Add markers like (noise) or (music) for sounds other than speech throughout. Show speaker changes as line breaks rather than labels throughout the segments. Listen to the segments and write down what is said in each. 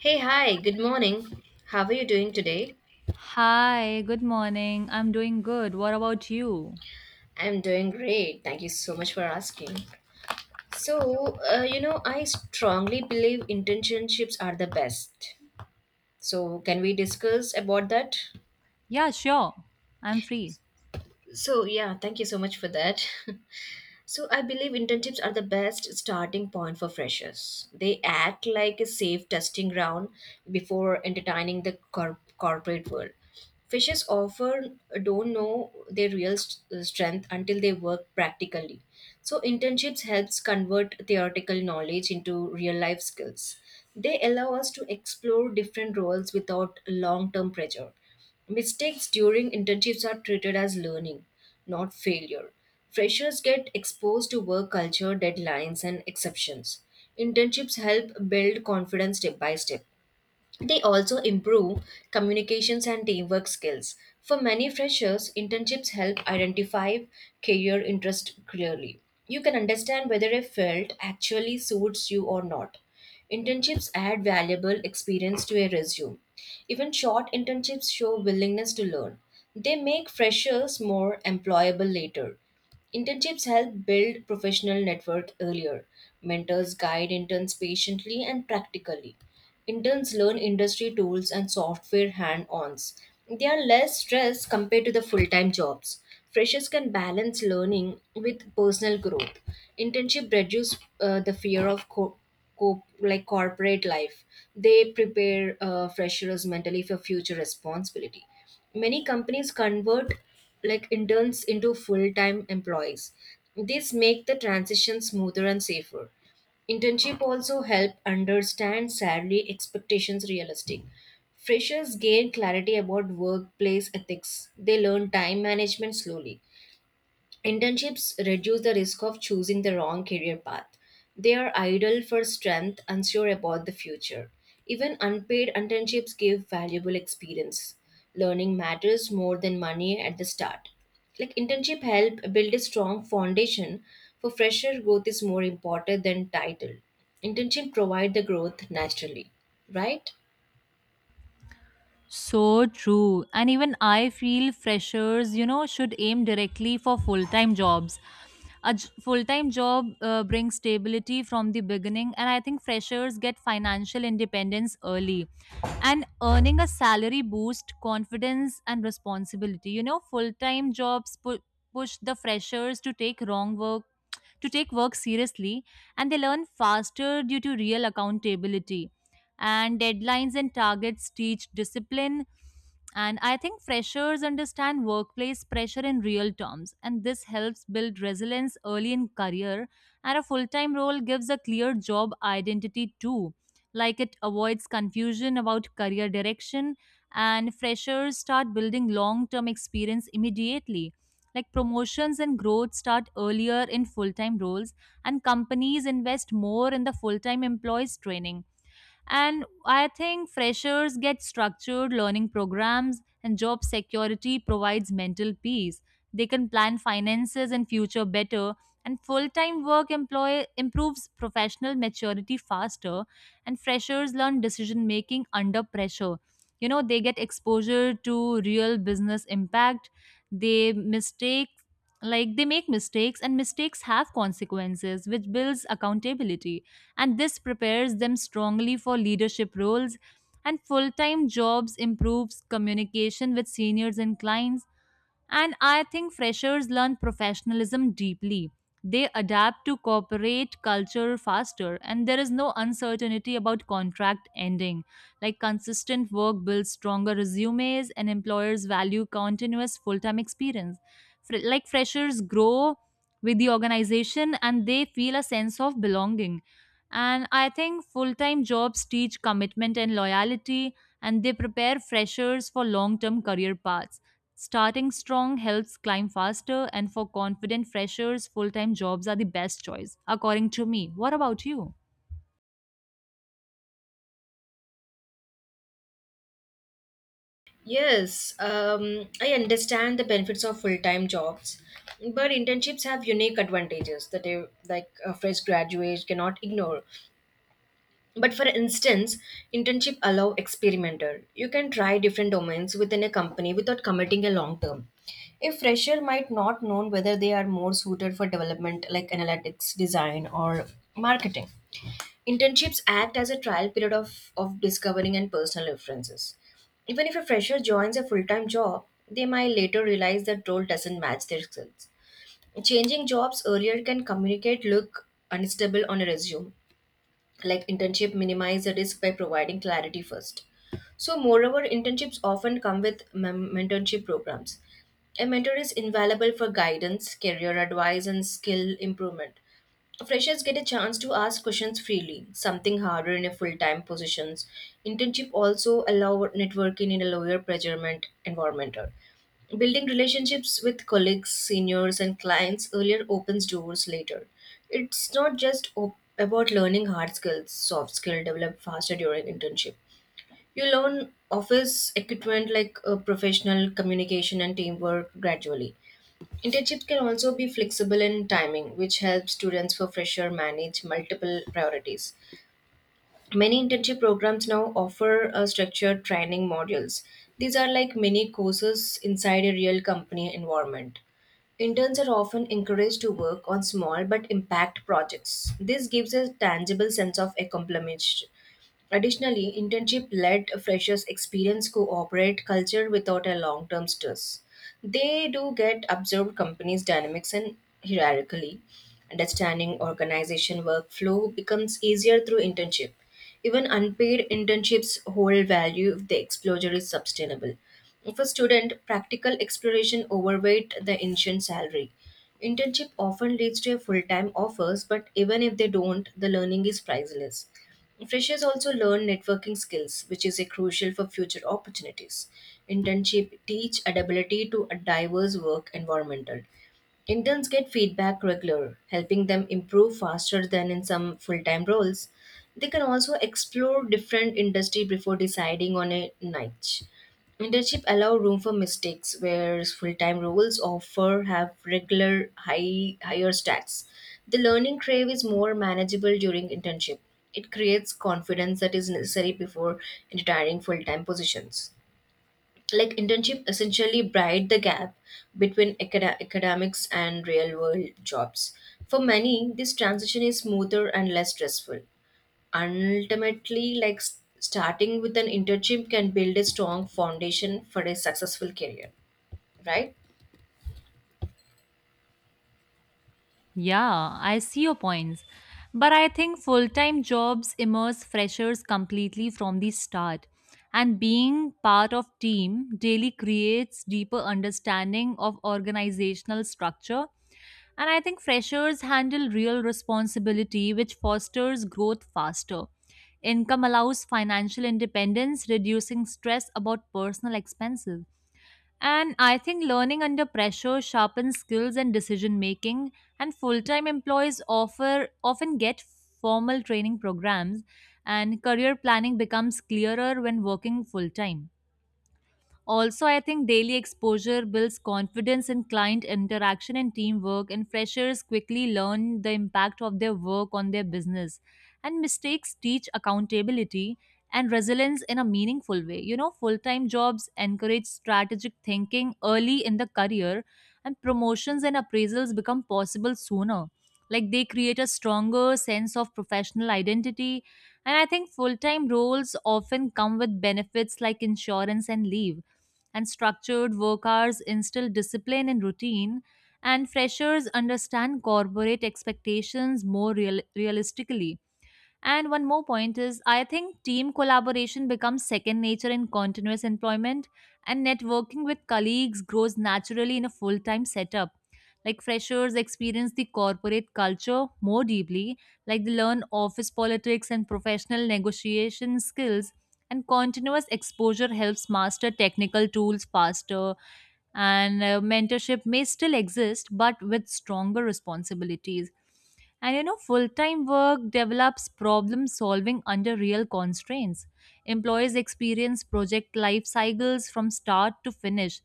Hey, hi, good morning. How are you doing today?
Hi, good morning. I'm doing good. What about you?
I'm doing great. Thank you so much for asking. So, I strongly believe internships are the best. So, can we discuss about that?
Yeah, sure. I'm free.
So, yeah, thank you so much for that. (laughs) So I believe internships are the best starting point for freshers. They act like a safe testing ground before entertaining the corporate world. Freshers often don't know their real strength until they work practically. So internships helps convert theoretical knowledge into real life skills. They allow us to explore different roles without long-term pressure. Mistakes during internships are treated as learning, not failure. Freshers get exposed to work culture, deadlines, and exceptions. Internships help build confidence step by step. They also improve communications and teamwork skills. For many freshers, internships help identify career interest clearly. You can understand whether a field actually suits you or not. Internships add valuable experience to a resume. Even short internships show willingness to learn. They make freshers more employable later. Internships help build professional network earlier. Mentors guide interns patiently and practically. Interns learn industry tools and software hand ons. They are less stressed compared to the full time jobs. Freshers can balance learning with personal growth. Internship reduces the fear of corporate life. They prepare freshers mentally for future responsibility. Many companies convert interns into full time employees. This make the transition smoother and safer. Internship also help understand salary expectations realistic. Freshers gain clarity about workplace ethics. They learn time management slowly. Internships reduce the risk of choosing the wrong career path. They are ideal for strength, unsure about the future. Even unpaid internships give valuable experience. Learning matters more than money at the start. Like internship help build a strong foundation for fresher growth is more important than title. Internship provide the growth naturally, right?
So true. And even I feel freshers, you know, should aim directly for full time jobs. A full time job brings stability from the beginning, and I think freshers get financial independence early. And earning a salary boost confidence and responsibility. You know, full time jobs push the freshers to take wrong work, to take work seriously, and they learn faster due to real accountability and deadlines and targets teach discipline, and I think freshers understand workplace pressure in real terms, and this helps build resilience early in career. And a full-time role gives a clear job identity too, like it avoids confusion about career direction, and freshers start building long-term experience immediately, like promotions and growth start earlier in full-time roles, and companies invest more in the full-time employees training. And I think freshers get structured learning programs, and job security provides mental peace. They can plan finances and future better, and full time work improves professional maturity faster. And freshers learn decision making under pressure. You know, they get exposure to real business impact. They mistake they make mistakes, and mistakes have consequences which builds accountability, and this prepares them strongly for leadership roles, and full-time jobs improves communication with seniors and clients. And I think freshers learn professionalism deeply. They adapt to corporate culture faster, and there is no uncertainty about contract ending, like consistent work builds stronger resumes and employers value continuous full-time experience. Freshers grow with the organization and they feel a sense of belonging. And I think full time jobs teach commitment and loyalty, and they prepare freshers for long term career paths. Starting strong helps climb faster, and for confident freshers, full time jobs are the best choice, according to me. What about you?
Yes, I understand the benefits of full-time jobs, but internships have unique advantages that a fresh graduate cannot ignore. But for instance, internship allow experimenter. You can try different domains within a company without committing a long term. A fresher might not know whether they are more suited for development like analytics, design, or marketing. Internships act as a trial period of discovering and personal references. Even if a fresher joins a full time job, they might later realize that role doesn't match their skills. Changing jobs earlier can communicate look unstable on a resume like internship minimize the risk by providing clarity first so, moreover, internships often come with mentorship programs. A mentor is invaluable for guidance, career advice, and skill improvement. Freshers get a chance to ask questions freely, something harder in a full-time positions. Internship also allow networking in a lower pressure environment. Building relationships with colleagues, seniors, and clients earlier opens doors later. It's not just about learning hard skills, soft skill develop faster during internship. You learn office equipment like professional communication and teamwork gradually. Internships can also be flexible in timing, which helps students for fresher manage multiple priorities. Many internship programs now offer structured training modules. These are like mini courses inside a real company environment. Interns are often encouraged to work on small but impact projects. This gives a tangible sense of accomplishment. Additionally, internship led freshers experience cooperate culture without a long term stress. They do get observed companies' dynamics and hierarchically. Understanding organization workflow becomes easier through internship. Even unpaid internships hold value if the exposure is sustainable. For student, practical exploration overweight the initial salary. Internship often leads to a full-time offers, but even if they don't, the learning is priceless. Freshers also learn networking skills, which is a crucial for future opportunities. Internship teach adaptability to a diverse work environmental. Interns get feedback regular, helping them improve faster than in some full-time roles. They can also explore different industry before deciding on a niche. Internship allow room for mistakes, whereas full-time roles offer have regular higher stacks. The learning crave is more manageable during internship. It creates confidence that is necessary before retiring full-time positions. Like internship essentially bride the gap between academics and real-world jobs. For many, this transition is smoother and less stressful. Ultimately, starting with an internship can build a strong foundation for a successful career, right?
Yeah, I see your points. But I think full time jobs immerse freshers completely from the start. And being part of team daily creates deeper understanding of organizational structure. And I think freshers handle real responsibility, which fosters growth faster. Income allows financial independence, reducing stress about personal expenses. And I think learning under pressure sharpens skills and decision making, and full time often get formal training programs, and career planning becomes clearer when working full time. Also, I think daily exposure builds confidence in client interaction and teamwork, and freshers quickly learn the impact of their work on their business. And mistakes teach accountability and resilience in a meaningful way. You know, full time jobs encourage strategic thinking early in the career, and promotions and appraisals become possible sooner. Like they create a stronger sense of professional identity. And I think full time roles often come with benefits like insurance and leave, and structured work hours instill discipline and routine, and freshers understand corporate expectations more realistically. And one more point is I think team collaboration becomes second nature in continuous employment, and networking with colleagues grows naturally in a full time setup. Like freshers experience the corporate culture more deeply, like they learn office politics and professional negotiation skills, and continuous exposure helps master technical tools faster. And mentorship may still exist, but with stronger responsibilities, and you know, full time work develops problem solving under real constraints. Employees experience project life cycles from start to finish,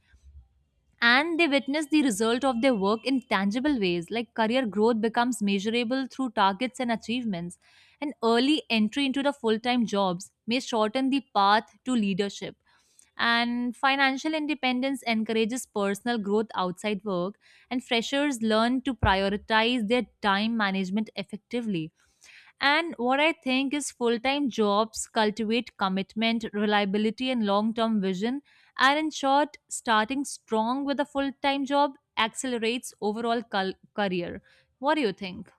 and they witness the result of their work in tangible ways, like career growth becomes measurable through targets and achievements. And early entry into the full time jobs may shorten the path to leadership. And financial independence encourages personal growth outside work, and freshers learn to prioritize their time management effectively. And what I think is full time jobs cultivate commitment, reliability, and long term vision. And in short, starting strong with a full time job accelerates overall career. What do you think?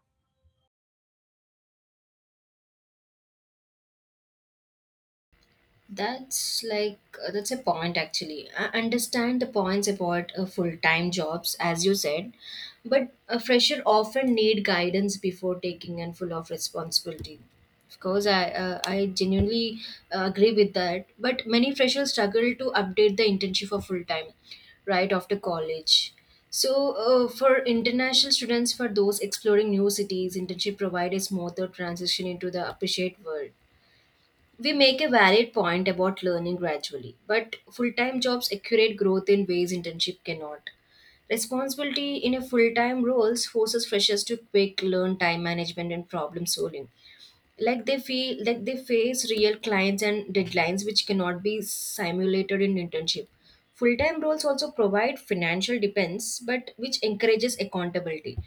That's like that's a point actually. I understand the points about full-time jobs as you said, but a fresher often need guidance before taking and full of responsibility. Of course, I genuinely agree with that. But many freshers struggle to update the internship for full time right after college. So, for international students, for those exploring new cities, internship provide a smoother transition into the appreciate world. We make a valid point about learning gradually, but full time jobs accurate growth in ways internship cannot. Responsibility in a full time roles forces freshers to quick learn time management and problem solving like they feel like they face real clients and deadlines which cannot be simulated in internship full-time roles also provide financial depends but which encourages accountability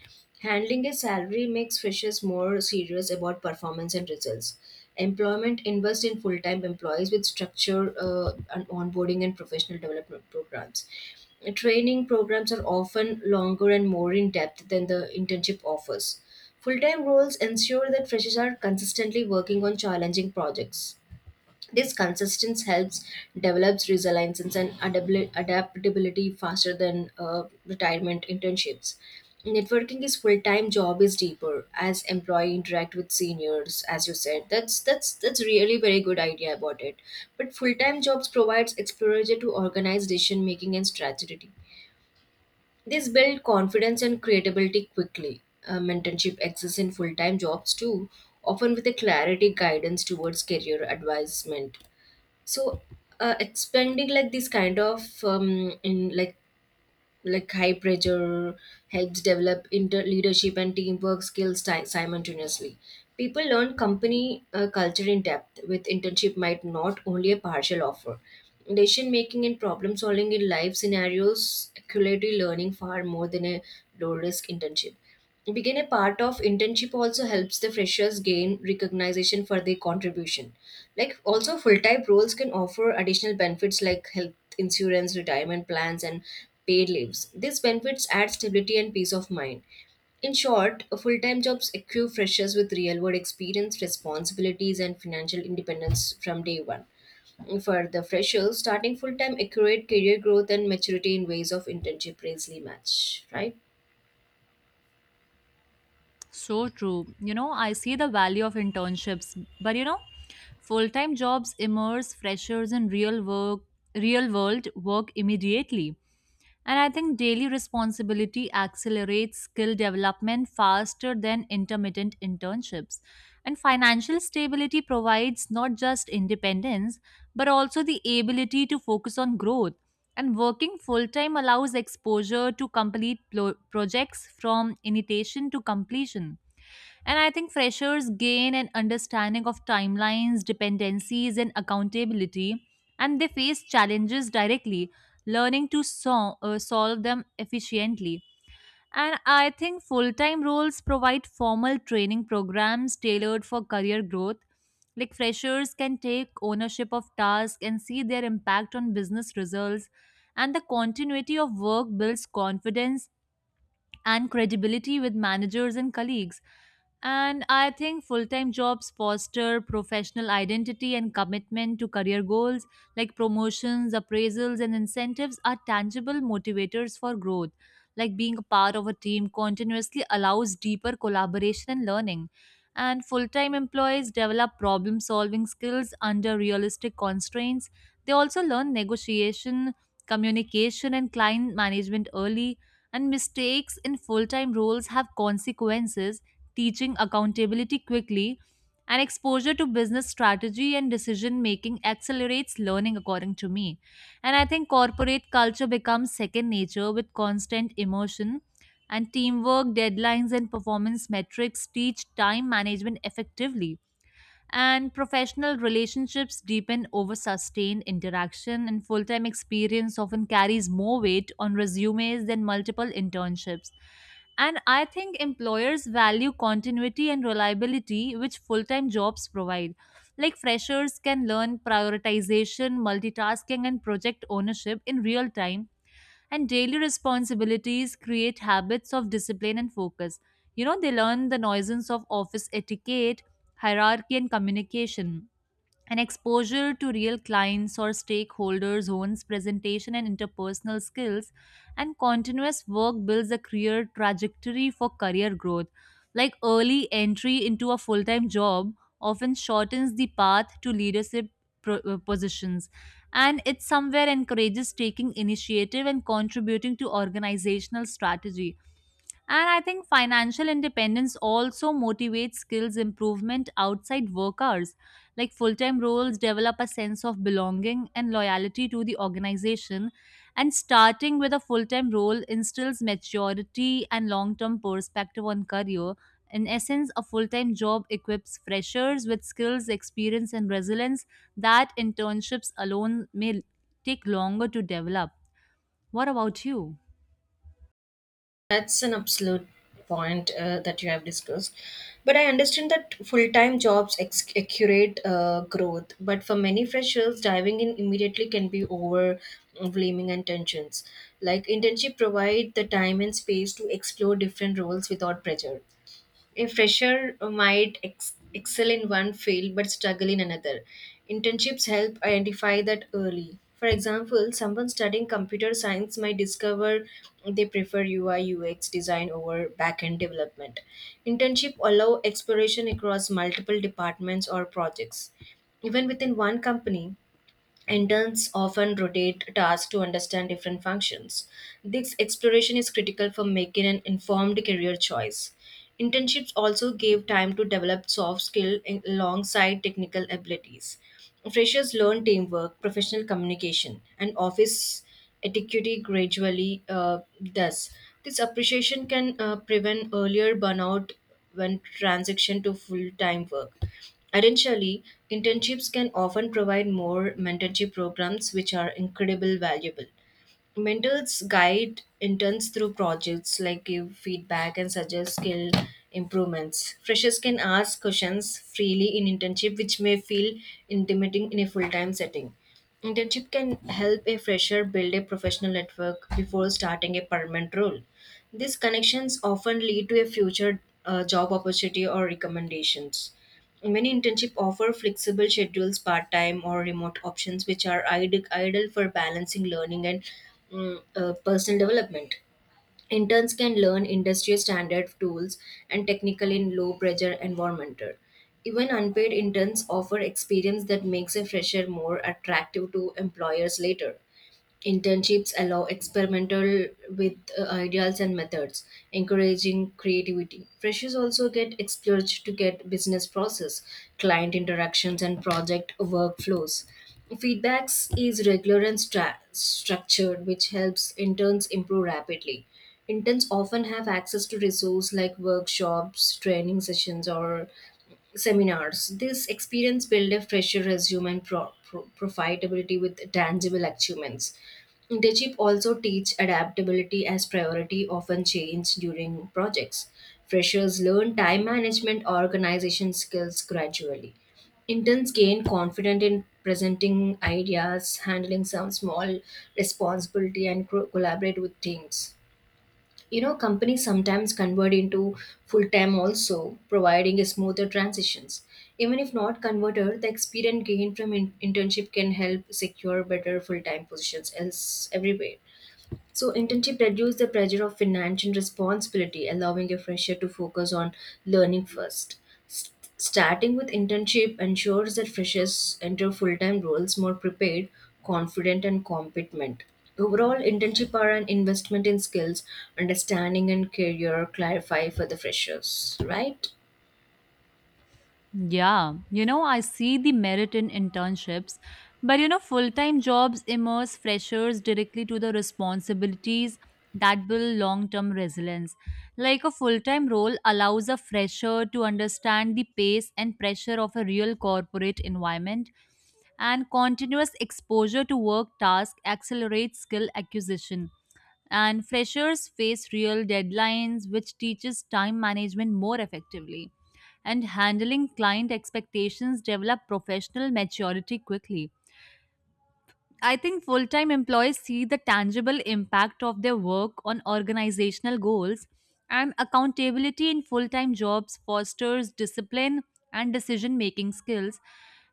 handling a salary makes freshers more serious about performance and results employment invests in full-time employees with structure and onboarding and professional development programs training programs are often longer and more in depth than the internship offers. Full time roles ensure that freshers are consistently working on challenging projects. This consistency helps develops resilience and adaptability faster than retirement internships. Networking is full time job is deeper as employee interact with seniors, as you said. That's really very good idea about it. But full time jobs provides exposure to organized decision making and strategy this build confidence and creativity quickly. Mentorship exists in full time jobs too, often with a clarity guidance towards career advancement. So, expanding like this kind of in like high pressure helps develop inter leadership and teamwork skills simultaneously. People learn company culture in depth with internship might not only a partial offer. Decision making and problem solving in life scenarios accurately learning far more than a low risk internship being a part of internship also helps the freshers gain recognition for their contribution like also full-time roles can offer additional benefits like health insurance retirement plans and paid leaves these benefits add stability and peace of mind in short full-time jobs equip freshers with real-world experience responsibilities and financial independence from day one for the freshers starting full-time accurate career growth and maturity in ways of internship rarely match right.
So true. You know, I see the value of internships, but you know, full-time jobs immerse freshers in real work, real-world work immediately. And I think daily responsibility accelerates skill development faster than intermittent internships. And financial stability provides not just independence, but also the ability to focus on growth. And working full time allows exposure to complete projects from initiation to completion. And I think freshers gain an understanding of timelines, dependencies, and accountability, and they face challenges directly, learning to solve them efficiently. And I think full time roles provide formal training programs tailored for career growth. Like freshers can take ownership of tasks and see their impact on business results, and the continuity of work builds confidence and credibility with managers and colleagues. And I think full time jobs foster professional identity and commitment to career goals, like promotions, appraisals, and incentives are tangible motivators for growth. Like being a part of a team continuously allows deeper collaboration and learning. And full time employees develop problem solving skills under realistic constraints. They also learn negotiation, communication, and client management early, and mistakes in full time roles have consequences, teaching accountability quickly, and exposure to business strategy and decision making accelerates learning, according to me. And I think corporate culture becomes second nature with constant emotion. And teamwork, deadlines, and performance metrics teach time management effectively, and professional relationships deepen over sustained interaction, and full-time experience often carries more weight on resumes than multiple internships. And I think employers value continuity and reliability, which full-time jobs provide, like freshers can learn prioritization, multitasking, and project ownership in real time, and daily responsibilities create habits of discipline and focus. You know, they learn the nuisance of office etiquette, hierarchy, and communication, and exposure to real clients or stakeholders owns presentation and interpersonal skills, and continuous work builds a career trajectory for career growth, like early entry into a full-time job often shortens the path to leadership positions, and it somewhere encourages taking initiative and contributing to organizational strategy. And I think financial independence also motivates skills improvement outside work hours. Like full time roles develop a sense of belonging and loyalty to the organization, and starting with a full time role instills maturity and long term perspective on career. In essence, a full time job equips freshers with skills, experience, and resilience that internships alone may take longer to develop. What about you?
That's an absolute point that you have discussed. But I understand that full time jobs accurate growth, but for many freshers, diving in immediately can be overwhelming and tensions. Like internship provide the time and space to explore different roles without pressure. A fresher might excel in one field but struggle in another. Internships help identify that early. For example, someone studying computer science might discover they prefer UI UX design over back-end development. Internship allow exploration across multiple departments or projects. Even within one company, interns often rotate tasks to understand different functions. This exploration is critical for making an informed career choice. Internships also give time to develop soft skills alongside technical abilities. Freshers learn teamwork, professional communication, and office etiquette gradually. Thus, this appreciation can prevent earlier burnout when transition to full-time work. Additionally, internships can often provide more mentorship programs which are incredibly valuable mentors guide interns through projects like give feedback and suggest skill improvements freshers can ask questions freely in internship which may feel intimidating in a full-time setting internship can help a fresher build a professional network before starting a permanent role these connections often lead to a future job opportunity or recommendations. Many internship offer flexible schedules, part-time or remote options, which are ideal for balancing learning and personal development. Interns can learn industry standard tools and technical in low pressure environment. Even unpaid interns offer experience that makes a fresher more attractive to employers later. Internships allow experimental with ideas and methods, encouraging creativity. Freshers also get exposure to get business process, client interactions, and project workflows. Feedbacks is regular and structured, which helps interns improve rapidly. Interns often have access to resources like workshops, training sessions, or seminars. This experience builds a fresher resume and profitability with tangible achievements. Internship also teach adaptability as priority often change during projects. Freshers learn time management organization skills gradually. Interns gain confidence in presenting ideas, handling some small responsibility and collaborate with teams. You know, companies sometimes convert into full time also, providing a smoother transitions. Even if not converted, the experience gained from internship can help secure better full time positions else everywhere. So internship reduce the pressure of financial responsibility, allowing a fresher to focus on learning first. Starting with internship ensures that freshers enter full time roles more prepared, confident, and competent. Overall, internship are an investment in skills, understanding, and career clarify for the freshers, right?
Yeah, you know, I see the merit in internships, but you know, full time jobs immerse freshers directly to the responsibilities that build long term resilience. Like a full time role allows a fresher to understand the pace and pressure of a real corporate environment, and continuous exposure to work tasks accelerates skill acquisition, and freshers face real deadlines which teaches time management more effectively, and handling client expectations develop professional maturity quickly. I think full time employees see the tangible impact of their work on organizational goals, and accountability in full time jobs fosters discipline and decision making skills.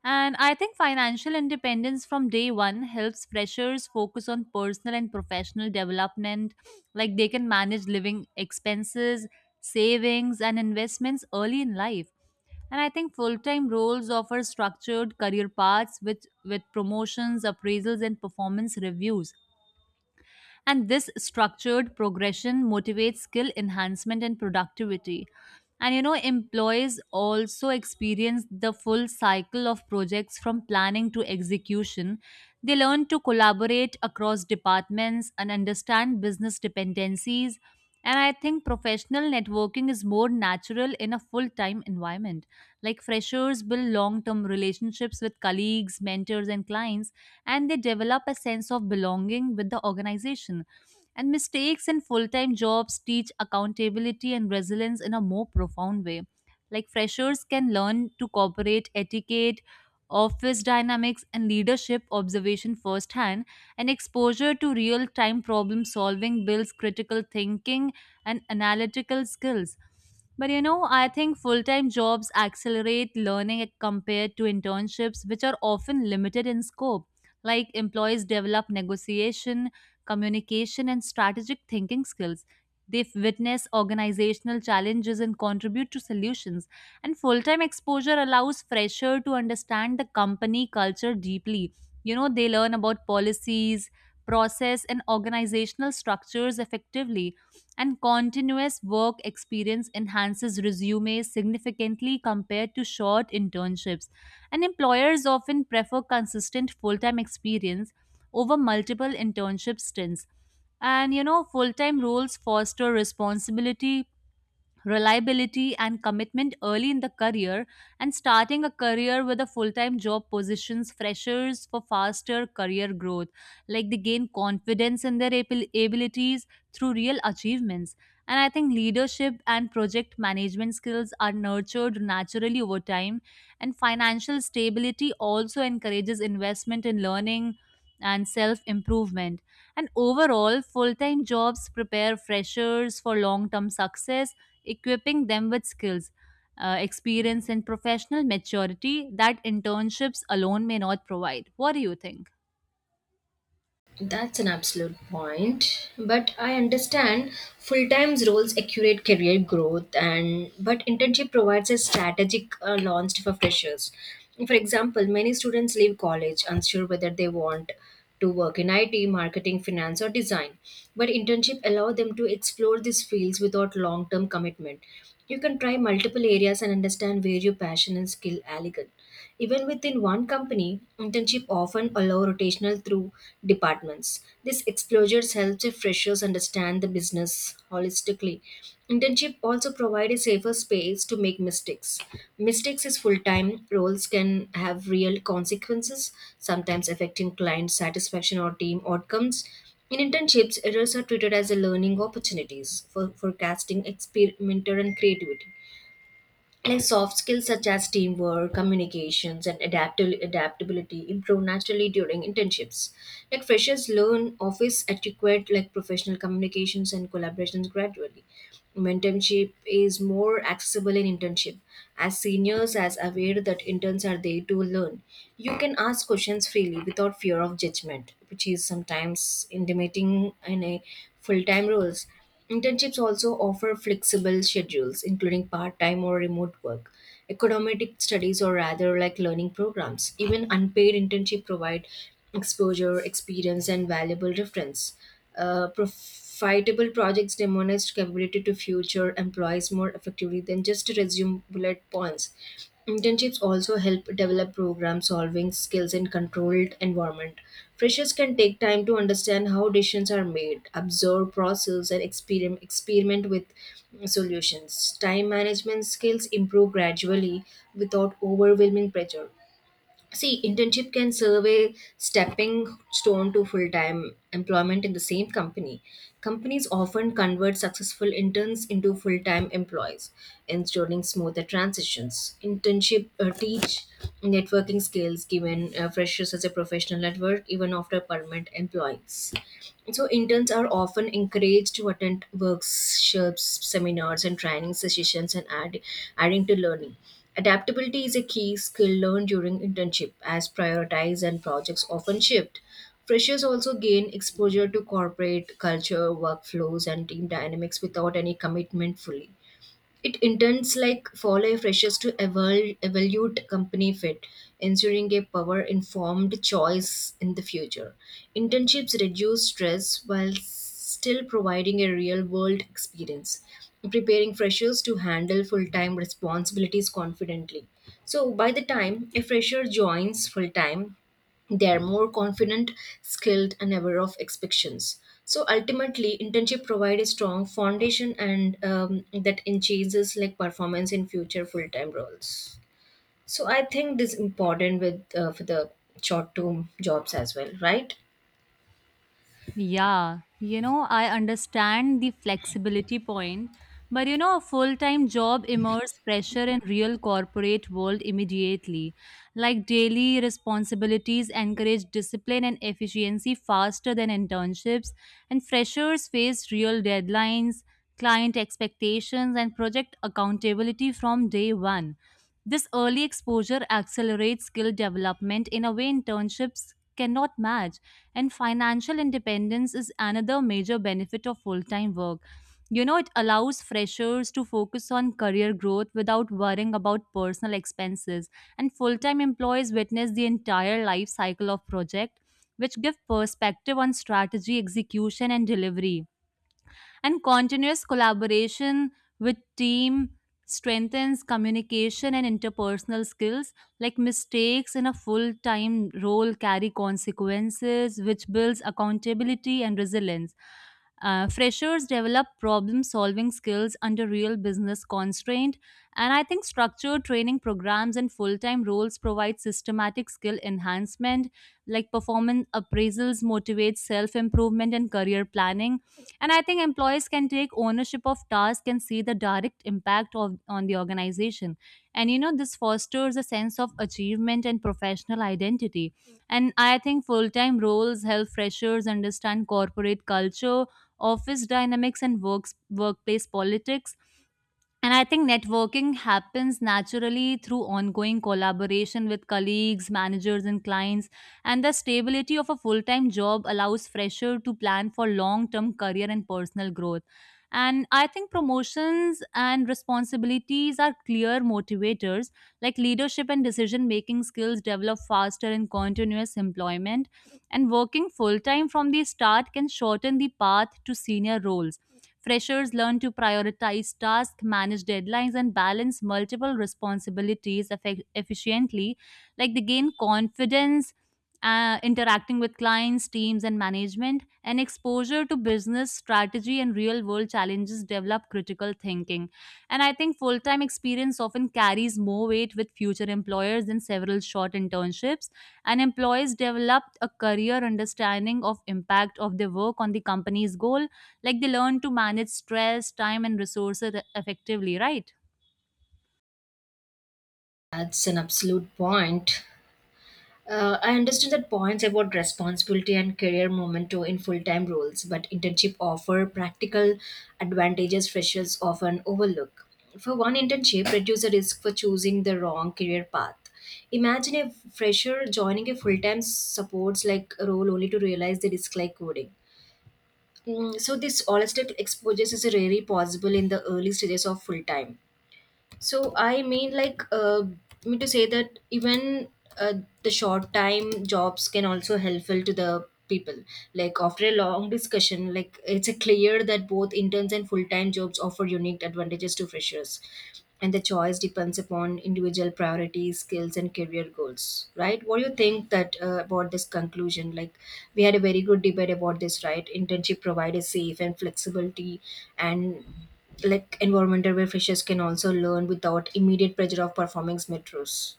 And I think financial independence from day one helps freshers focus on personal and professional development, like they can manage living expenses, savings, and investments early in life. And I think full time roles offer structured career paths with promotions, appraisals, and performance reviews. And this structured progression motivates skill enhancement and productivity. And you know, employees also experience the full cycle of projects from planning to execution. They learn to collaborate across departments and understand business dependencies. And I think professional networking is more natural in a full time environment. Like freshers build long term relationships with colleagues, mentors, and clients, and they develop a sense of belonging with the organization. And mistakes in full time jobs teach accountability and resilience in a more profound way. Like freshers can learn to cooperate, etiquette, office dynamics, and leadership observation firsthand, and exposure to real time problem solving builds critical thinking and analytical skills. But you know, I think full time jobs accelerate learning compared to internships, which are often limited in scope, like employees develop negotiation, communication, and strategic thinking skills. They witness organizational challenges and contribute to solutions. And full time exposure allows fresher to understand the company culture deeply. You know, they learn about policies, process, and organizational structures effectively. And continuous work experience enhances resumes significantly compared to short internships, and employers often prefer consistent full time experience over multiple internship stints. And you know, full time roles foster responsibility, reliability, and commitment early in the career. And starting a career with a full time job positions freshers for faster career growth. Like they gain confidence in their abilities through real achievements. And I think leadership and project management skills are nurtured naturally over time. And financial stability also encourages investment in learning and self improvement. And overall, full time jobs prepare freshers for long term success, equipping them with skills, experience, and professional maturity that internships alone may not provide. What do you think?
That's an absolute point. But I understand full-time's roles accurate career growth and but internship provides a strategic launch for freshers. For example, many students leave college unsure whether they want to work in IT, marketing, finance or design. But internship allow them to explore these fields without long-term commitment. You can try multiple areas and understand where your passion and skill are. Even within one company, internship often allow rotational through departments. This exposure helps freshers understand the business holistically. Internship also provide a safer space to make mistakes. Mistakes is full-time roles can have real consequences, sometimes affecting client satisfaction or team outcomes. In internships, errors are treated as a learning opportunities for forecasting, experimenter, and creativity. Like soft skills such as teamwork communications and adaptability improve naturally during internships. Like freshers learn office etiquette, like professional communications and collaborations gradually. Mentorship is more accessible in internship, as seniors as aware that interns are there to learn. You can ask questions freely without fear of judgment, which is sometimes intimidating in a full-time roles. Internships also offer flexible schedules, including part time or remote work, economic studies, or rather like learning programs. Even unpaid internship provide exposure, experience, and valuable reference. Profitable projects demonstrate capability to future employees more effectively than just resume bullet points. Internships also help develop problem solving skills in controlled environment. Freshers can take time to understand how decisions are made, observe process and experiment with solutions. Time management skills improve gradually without overwhelming pressure. See, internship can serve a stepping stone to full time employment in the same company. Companies often convert successful interns into full time employees, ensuring smoother transitions. Internship teach networking skills given freshers as a professional network even after permanent employees. So interns are often encouraged to attend workshops, seminars, and training sessions, and adding to learning. Adaptability is a key skill learned during internship, as priorities and projects often shift. Freshers also gain exposure to corporate culture, workflows, and team dynamics without any commitment fully. It intends like follow freshers to evaluate company fit, ensuring a power informed choice in the future. Internships reduce stress while still providing a real world experience, preparing freshers to handle full time responsibilities confidently. So, by the time a fresher joins full time, they are more confident, skilled, and aware of expectations. So ultimately, internship provide a strong foundation and that enhances like performance in future full time roles. So I think this is important with for the short term jobs as well, right?
Yeah, you know, I understand the flexibility point, but you know, a full-time job immerses pressure in real corporate world immediately. Like daily responsibilities encourage discipline and efficiency faster than internships, and freshers face real deadlines, client expectations, and project accountability from day one. This early exposure accelerates skill development in a way internships cannot match. And financial independence is another major benefit of full time work. You know, it allows freshers to focus on career growth without worrying about personal expenses. And full time employees witness the entire life cycle of project, which give perspective on strategy, execution, and delivery, and continuous collaboration with team strengthens communication and interpersonal skills, like mistakes in a full-time role carry consequences which builds accountability and resilience. Freshers develop problem solving skills under real business constraint, and I think structured training programs and full-time roles provide systematic skill enhancement, like performance appraisals motivate self-improvement and career planning. And I think employees can take ownership of tasks and see the direct impact of, on the organization. And you know, this fosters a sense of achievement and professional identity. And I think full time roles help freshers understand corporate culture, office dynamics, and workplace politics, and I think networking happens naturally through ongoing collaboration with colleagues, managers, and clients. And the stability of a full time job allows fresher to plan for long term career and personal growth. And I think promotions and responsibilities are clear motivators, like leadership and decision making skills develop faster in continuous employment. And working full time from the start can shorten the path to senior roles. Freshers learn to prioritize tasks, manage deadlines, and balance multiple responsibilities efficiently. Like they gain confidence interacting with clients, teams, and management, and exposure to business strategy and real world challenges develop critical thinking. And I think full time experience often carries more weight with future employers than several short internships. And employees develop a career understanding of impact of their work on the company's goal, like they learn to manage stress, time, and resources effectively, right?
That's an absolute point. I understand that points about responsibility and career momentum in full-time roles, but internship offer practical advantages freshers often overlook. For one internship, reduce the risk for choosing the wrong career path. Imagine a fresher joining a full-time supports like role only to realize they dislike coding. Mm, so this holistic exposure is rarely possible in the early stages of full-time. So I mean, like, me to say that even uh, the short time jobs can also helpful to the people. Like after a long discussion, like it's a clear that both interns and full time jobs offer unique advantages to freshers, and the choice depends upon individual priorities, skills, and career goals. Right? What do you think that about this conclusion? Like we had a very good debate about this, right? Internship provide a safe and flexibility and like environment where freshers can also learn without immediate pressure of performing metros.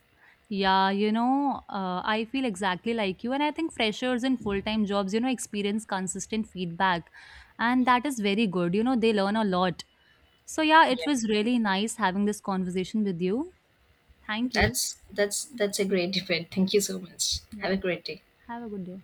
Yeah, you know, I feel exactly like you. And I think freshers in full time jobs, you know, experience consistent feedback. And that is very good. You know, they learn a lot. So, yeah, it
Yeah,
was really nice having this conversation with you. Thank you.
that's a great debate. Thank you so much. Have
Yeah,
a great day.
have a good day.